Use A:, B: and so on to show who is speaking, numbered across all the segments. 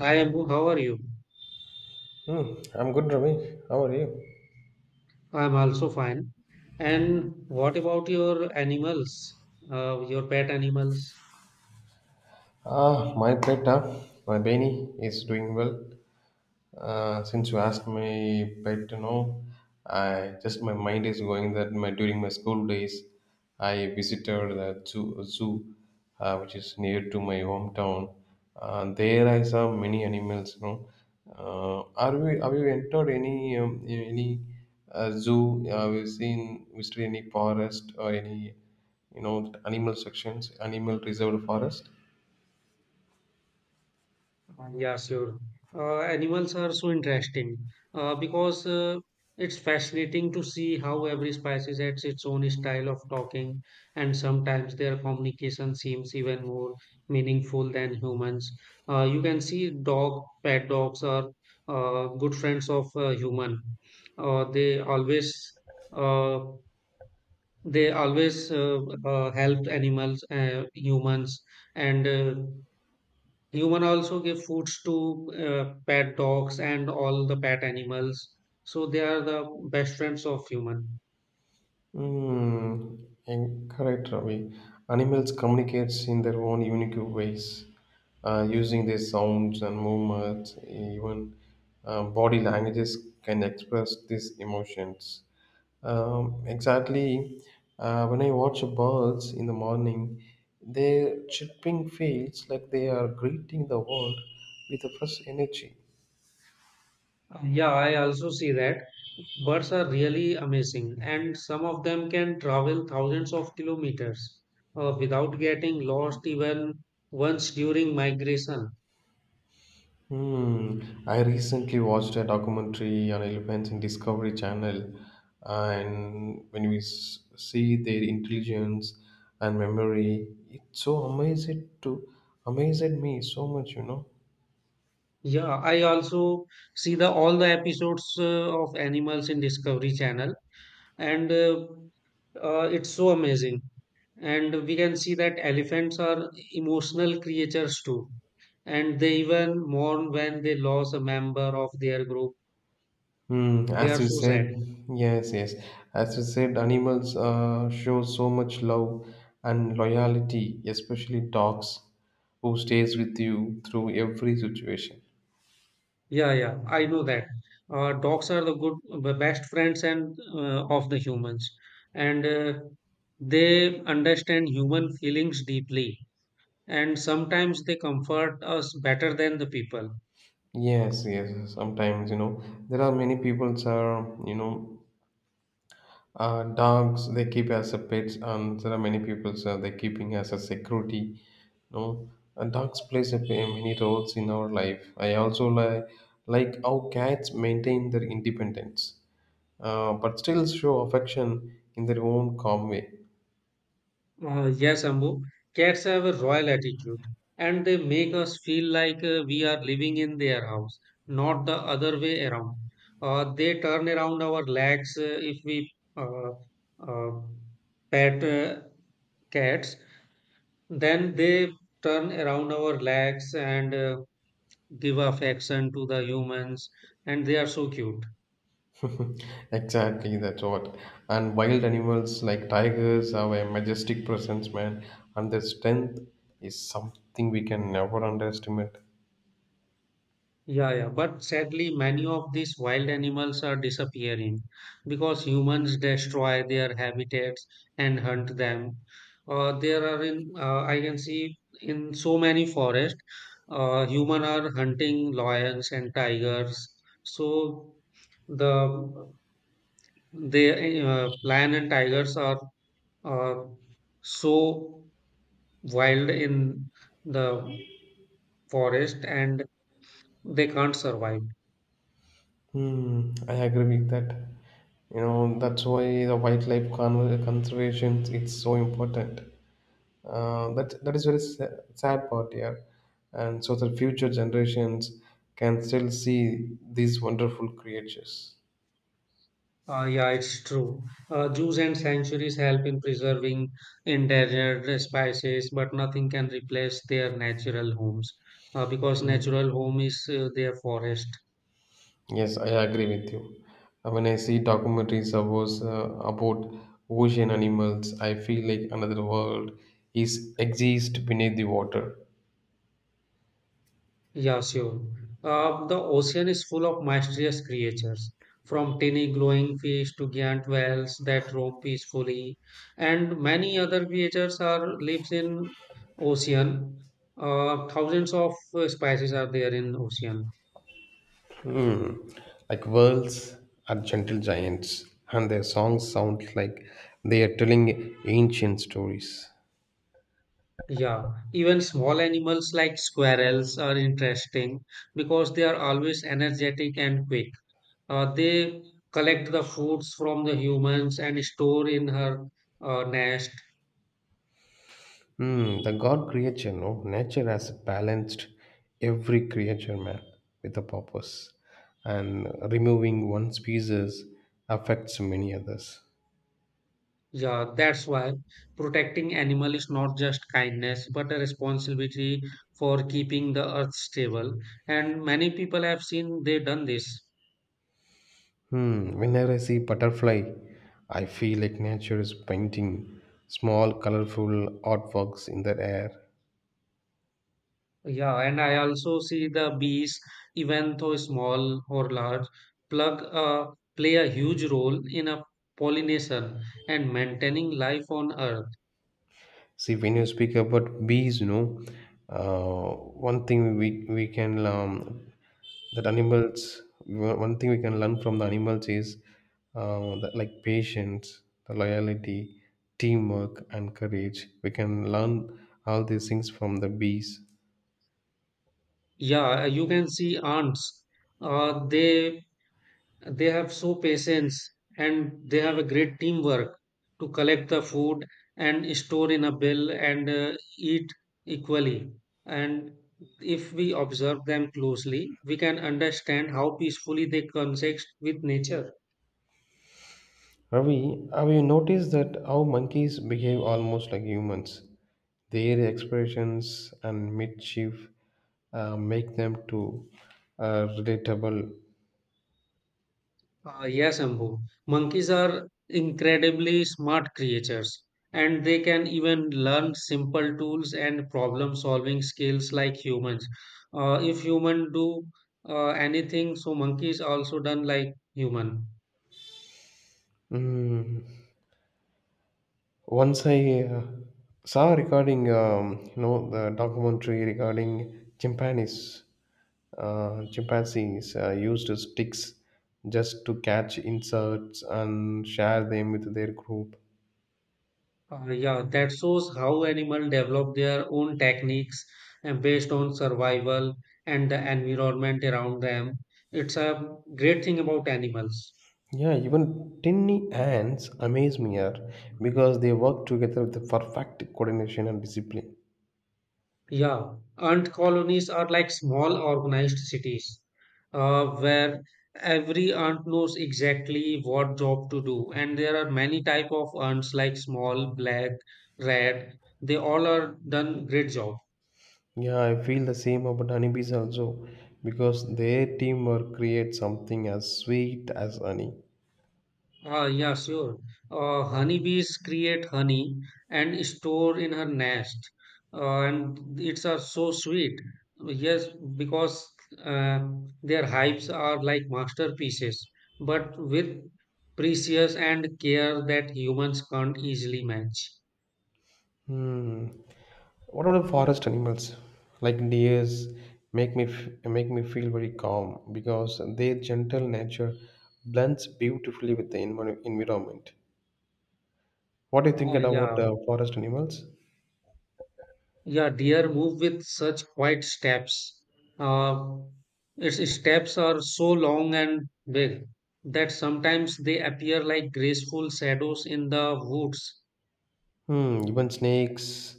A: Hi Ambu, how are you?
B: Hmm, I'm good, Ramesh. How are you?
A: I'm also fine. And what about your animals? Your pet animals?
B: Ah, my pet, huh? My Benny is doing well. Since you asked me, pet, I just my mind is going that my during my school days, I visited the zoo, which is near to my hometown. There I saw many animals. You know, are we have you entered any zoo? Have you seen visited any forest or any you know animal sections, animal reserved forest?
A: Yeah, sure. Animals are so interesting because it's fascinating to see how every species has its own style of talking, and sometimes their communication seems even more meaningful than humans. You can see dog, pet dogs are good friends of human. Uh, they always uh, they always help animals humans and human also give foods to pet dogs and all the pet animals, so they are the best friends of human.
B: Mm, and correct, Ravi. Animals communicates in their own unique ways, using their sounds and movements. Even body languages can express these emotions. Exactly. When I watch birds in the morning, their chirping feels like they are greeting the world with a fresh energy.
A: Yeah, I also see that birds are really amazing and some of them can travel thousands of kilometers without getting lost even once during migration.
B: Hmm. I recently watched a documentary on elephants in Discovery Channel, and when we see their intelligence and memory, it so amazed to amazed me so much, you know.
A: Yeah, I also see the all the episodes of animals in Discovery Channel, and it's so amazing, and we can see that elephants are emotional creatures too and they even mourn when they lose a member of their group.
B: Hmm.
A: They are
B: As you
A: so sad.
B: said, yes, yes. As you said, animals show so much love and loyalty, especially dogs, who stays with you through every situation.
A: Yeah, yeah, I know that dogs are the best friends and of the humans, and they understand human feelings deeply, and sometimes they comfort us better than the people.
B: Yes, yes. Sometimes, you know, there are many peoples are, you know, dogs they keep as a pets, and there are many peoples are they keeping as a security. You know, and dogs plays a many roles in our life. I also like how cats maintain their independence, but still show affection in their own calm way.
A: Yes, Ambu. Cats have a royal attitude and they make us feel like we are living in their house, not the other way around. They turn around our legs if we uh, uh, pet cats, then they turn around our legs and give affection to the humans, and they are so cute.
B: Exactly, that's what. And wild animals like tigers have a majestic presence, man, and their strength is something we can never underestimate.
A: Yeah, yeah, but sadly, many of these wild animals are disappearing because humans destroy their habitats and hunt them. There are in I can see in so many forests, human are hunting lions and tigers. So the the lion and tigers are so wild in the forest and they can't survive.
B: Hmm, I agree with that. You know, that's why the wildlife conservation it's so important. That is very sad part here, and so that future generations can still see these wonderful creatures.
A: Yeah, it's true. Zoos and sanctuaries help in preserving endangered species, but nothing can replace their natural homes because natural home is their forest.
B: Yes, I agree with you. When I see documentaries about ocean animals, I feel like another world is exists beneath the water.
A: Yeah, sure. The ocean is full of mysterious creatures, from tiny glowing fish to giant whales that roam peacefully, and many other creatures are lives in ocean. Thousands of species are there in ocean.
B: Like whales are gentle giants, and their songs sound like they are telling ancient stories.
A: Yeah, even small animals like squirrels are interesting because they are always energetic and quick. They collect the foods from the humans and store in her nest.
B: Hmm, the God creature, no? Nature has balanced every creature, man, with a purpose. And removing one species affects many others.
A: Yeah, that's why protecting animal is not just kindness but a responsibility for keeping the earth stable. And many people have seen they done this.
B: Hmm, whenever I see butterfly, I feel like nature is painting small colorful artworks in the air.
A: Yeah, and I also see the bees, even though small or large, plug play a huge role in a pollination and maintaining life on Earth.
B: See, when you speak about bees, you know, one thing we can that animals one thing we can learn from the animals is that like patience, the loyalty, teamwork, and courage. We can learn all these things from the bees.
A: Yeah, you can see ants. Uh, they they have so patience and they have a great teamwork to collect the food and store in a bill and eat equally, and if we observe them closely we can understand how peacefully they coexist with nature.
B: Ravi, have you noticed that how monkeys behave almost like humans? Their expressions and mischief make them to relatable.
A: Yes, Ambu. Monkeys are incredibly smart creatures, and they can even learn simple tools and problem-solving skills like humans. If human do anything, so monkeys also done like human.
B: Mm. Once I saw a recording, you know, the documentary regarding chimpanzees. Chimpanzees used sticks just to catch insects and share them with their group.
A: Yeah, that shows how animal develop their own techniques and based on survival and the environment around them. It's a great thing about animals.
B: Yeah, even tiny ants amaze me here because they work together with the perfect coordination and discipline.
A: Yeah, ant colonies are like small organized cities where every ant knows exactly what job to do. And there are many type of ants like small, black, red. They all are done great job.
B: Yeah, I feel the same about honeybees also because their teamwork creates something as sweet as honey.
A: Ah, yeah, sure. Honeybees create honey and store in her nest. And it's are so sweet. Yes, because uh, their hives are like masterpieces, but with precious and care that humans can't easily match.
B: Hmm. What about the forest animals? Like deers make me feel very calm because their gentle nature blends beautifully with the environment. What do you
A: Ah,
B: think about
A: yeah.
B: the forest animals?
A: Yeah, deer move with such quiet steps. Uh, its steps are so long and big that sometimes they appear like graceful shadows in the woods.
B: Hmm, even snakes,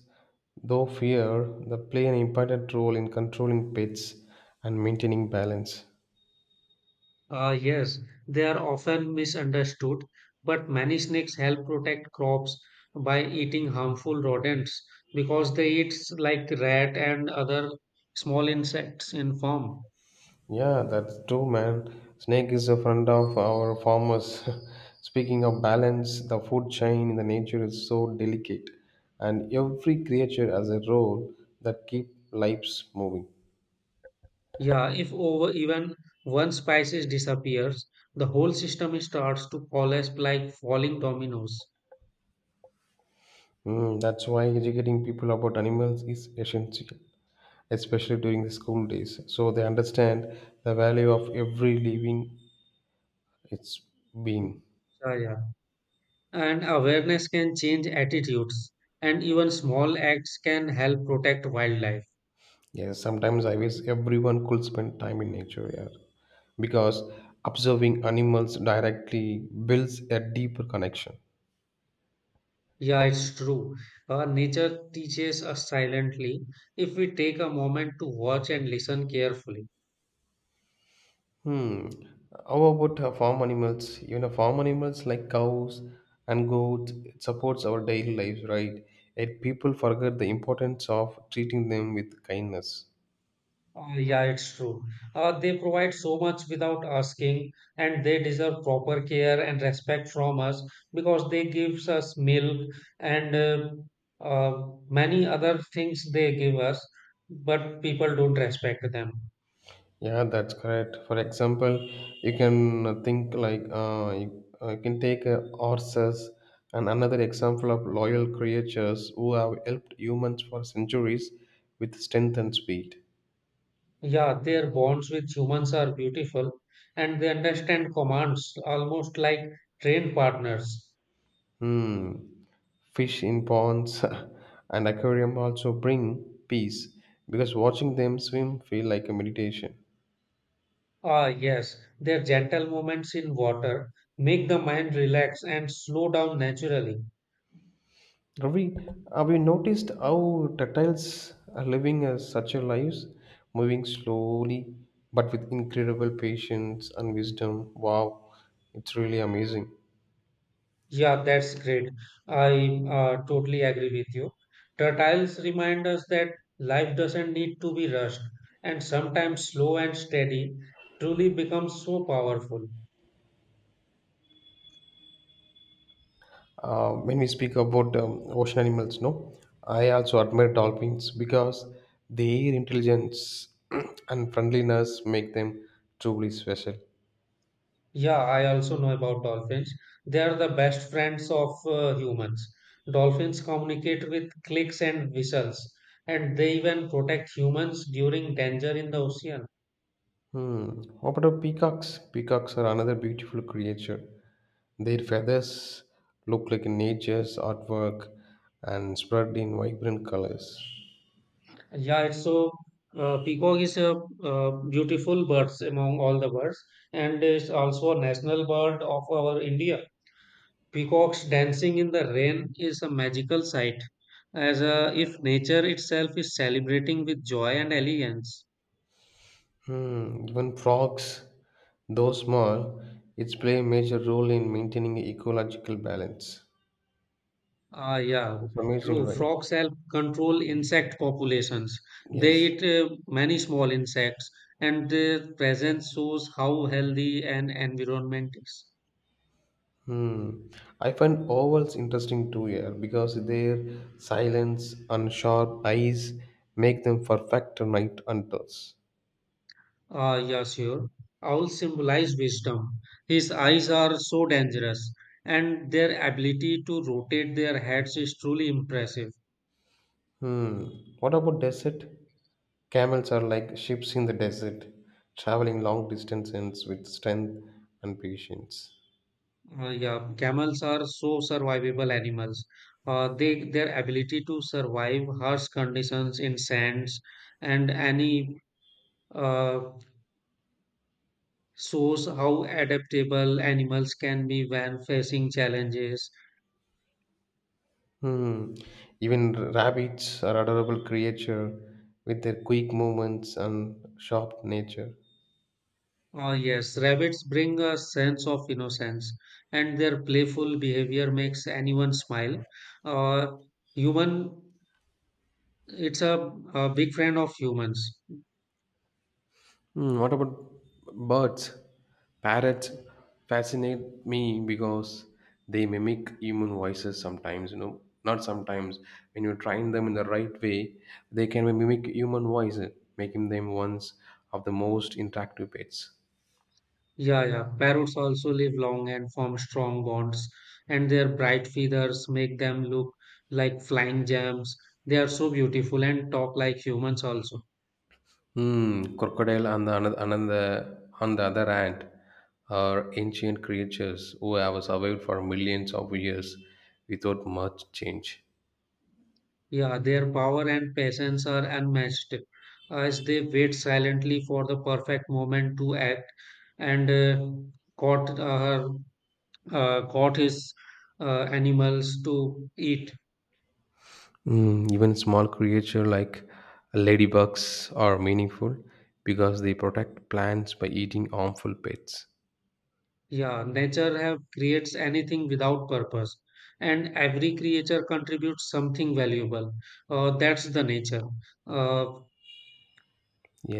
B: though fear, they play an important role in controlling pets and maintaining balance.
A: Yes, they are often misunderstood, but many snakes help protect crops by eating harmful rodents because they eat like rat and other small insects in form.
B: Yeah, that's true, man. Snake is a friend of our farmers. Speaking of balance, the food chain in the nature is so delicate, and every creature has a role that keep lives moving.
A: Yeah, if over even one species disappears, the whole system starts to collapse like falling dominoes.
B: Mm, that's why educating people about animals is essential, especially during the school days, so they understand the value of every living It's been
A: Yeah, yeah. And awareness can change attitudes, and even small acts can help protect wildlife.
B: yes. Sometimes I wish everyone could spend time in nature, yeah, because observing animals directly builds a deeper connection.
A: Yeah, it's true. Nature teaches us silently if we take a moment to watch and listen carefully.
B: Hmm. How about farm animals? You know, farm animals like cows and goats it supports our daily lives, right? Yet people forget the importance of treating them with kindness.
A: Yeah, it's true. They provide so much without asking, and they deserve proper care and respect from us because they gives us milk and many other things they give us, but people don't respect them.
B: Yeah, that's correct. For example, you can think like you can take horses and another example of loyal creatures who have helped humans for centuries with strength and speed.
A: Yeah, their bonds with humans are beautiful, and they understand commands almost like trained partners.
B: Hmm. Fish in ponds and aquarium also bring peace because watching them swim feel like a meditation.
A: Ah, yes, their gentle movements in water make the mind relax and slow down naturally.
B: Have we have you noticed how reptiles are living such a lives, moving slowly but with incredible patience and wisdom? Wow, it's really amazing.
A: Yeah, that's great. I totally agree with you. Turtles remind us that life doesn't need to be rushed, and sometimes slow and steady truly becomes so powerful.
B: When we speak about ocean animals, no, I also admire dolphins because their intelligence and friendliness make them truly special.
A: Yeah, I also know about dolphins. They are the best friends of humans. Dolphins communicate with clicks and whistles, and they even protect humans during danger in the ocean.
B: Hmm. What about peacocks? Peacocks are another beautiful creature. Their feathers look like nature's artwork and spread in vibrant colors.
A: Yeah, it's so peacock is a beautiful birds among all the birds, and it's also a national bird of our India. Peacocks dancing in the rain is a magical sight, as if nature itself is celebrating with joy and elegance.
B: Hmm. Even frogs, though small, it's play a major role in maintaining ecological balance.
A: Ah, yeah,
B: It's amazing,
A: true.
B: right?
A: Frogs help control insect populations. They
B: Yes.
A: eat many small insects, and their presence shows how healthy an environment is.
B: Hmm. I find ovals interesting too here because their silence and sharp eyes make them perfect night hunters.
A: Ah, yeah, sure. Owls symbolize wisdom. His eyes are so dangerous, and their ability to rotate their heads is truly impressive.
B: Hmm. What about desert? Camels are like ships in the desert, traveling long distances with strength and patience.
A: Ah, yeah, camels are so survivable animals. They their ability to survive harsh conditions in sands and any uh, shows how adaptable animals can be when facing challenges.
B: Hmm. Even rabbits are adorable creature with their quick movements and sharp nature.
A: Ah, yes, rabbits bring a sense of innocence, and their playful behavior makes anyone smile. Uh, Human, it's a big friend of humans.
B: Mm, what about birds? Parrots fascinate me because they mimic human voices sometimes, you know. Not sometimes. When you train them in the right way, they can mimic human voices, making them ones of the most interactive pets.
A: Yeah, yeah. Parrots also live long and form strong bonds, and their bright feathers make them look like flying gems. They are so beautiful and talk like humans also.
B: Hmm, crocodile on the another, on the other hand are ancient creatures who have survived for millions of years without much change.
A: Yeah, their power and patience are unmatched as they wait silently for the perfect moment to act and caught uh, caught his animals to eat.
B: Mm, even small creatures like ladybugs are meaningful because they protect plants by eating harmful pests.
A: Yeah, nature have creates anything without purpose, and every creature contributes something valuable. That's the nature, uh,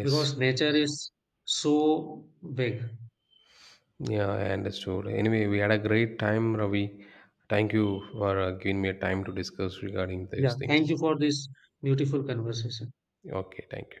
A: because nature is so big.
B: yeah, I understood. Anyway, we had a great time, Ravi. Thank you for giving me a time to discuss regarding these
A: Yeah, thank
B: things.
A: you for this beautiful conversation.
B: Okay, thank you.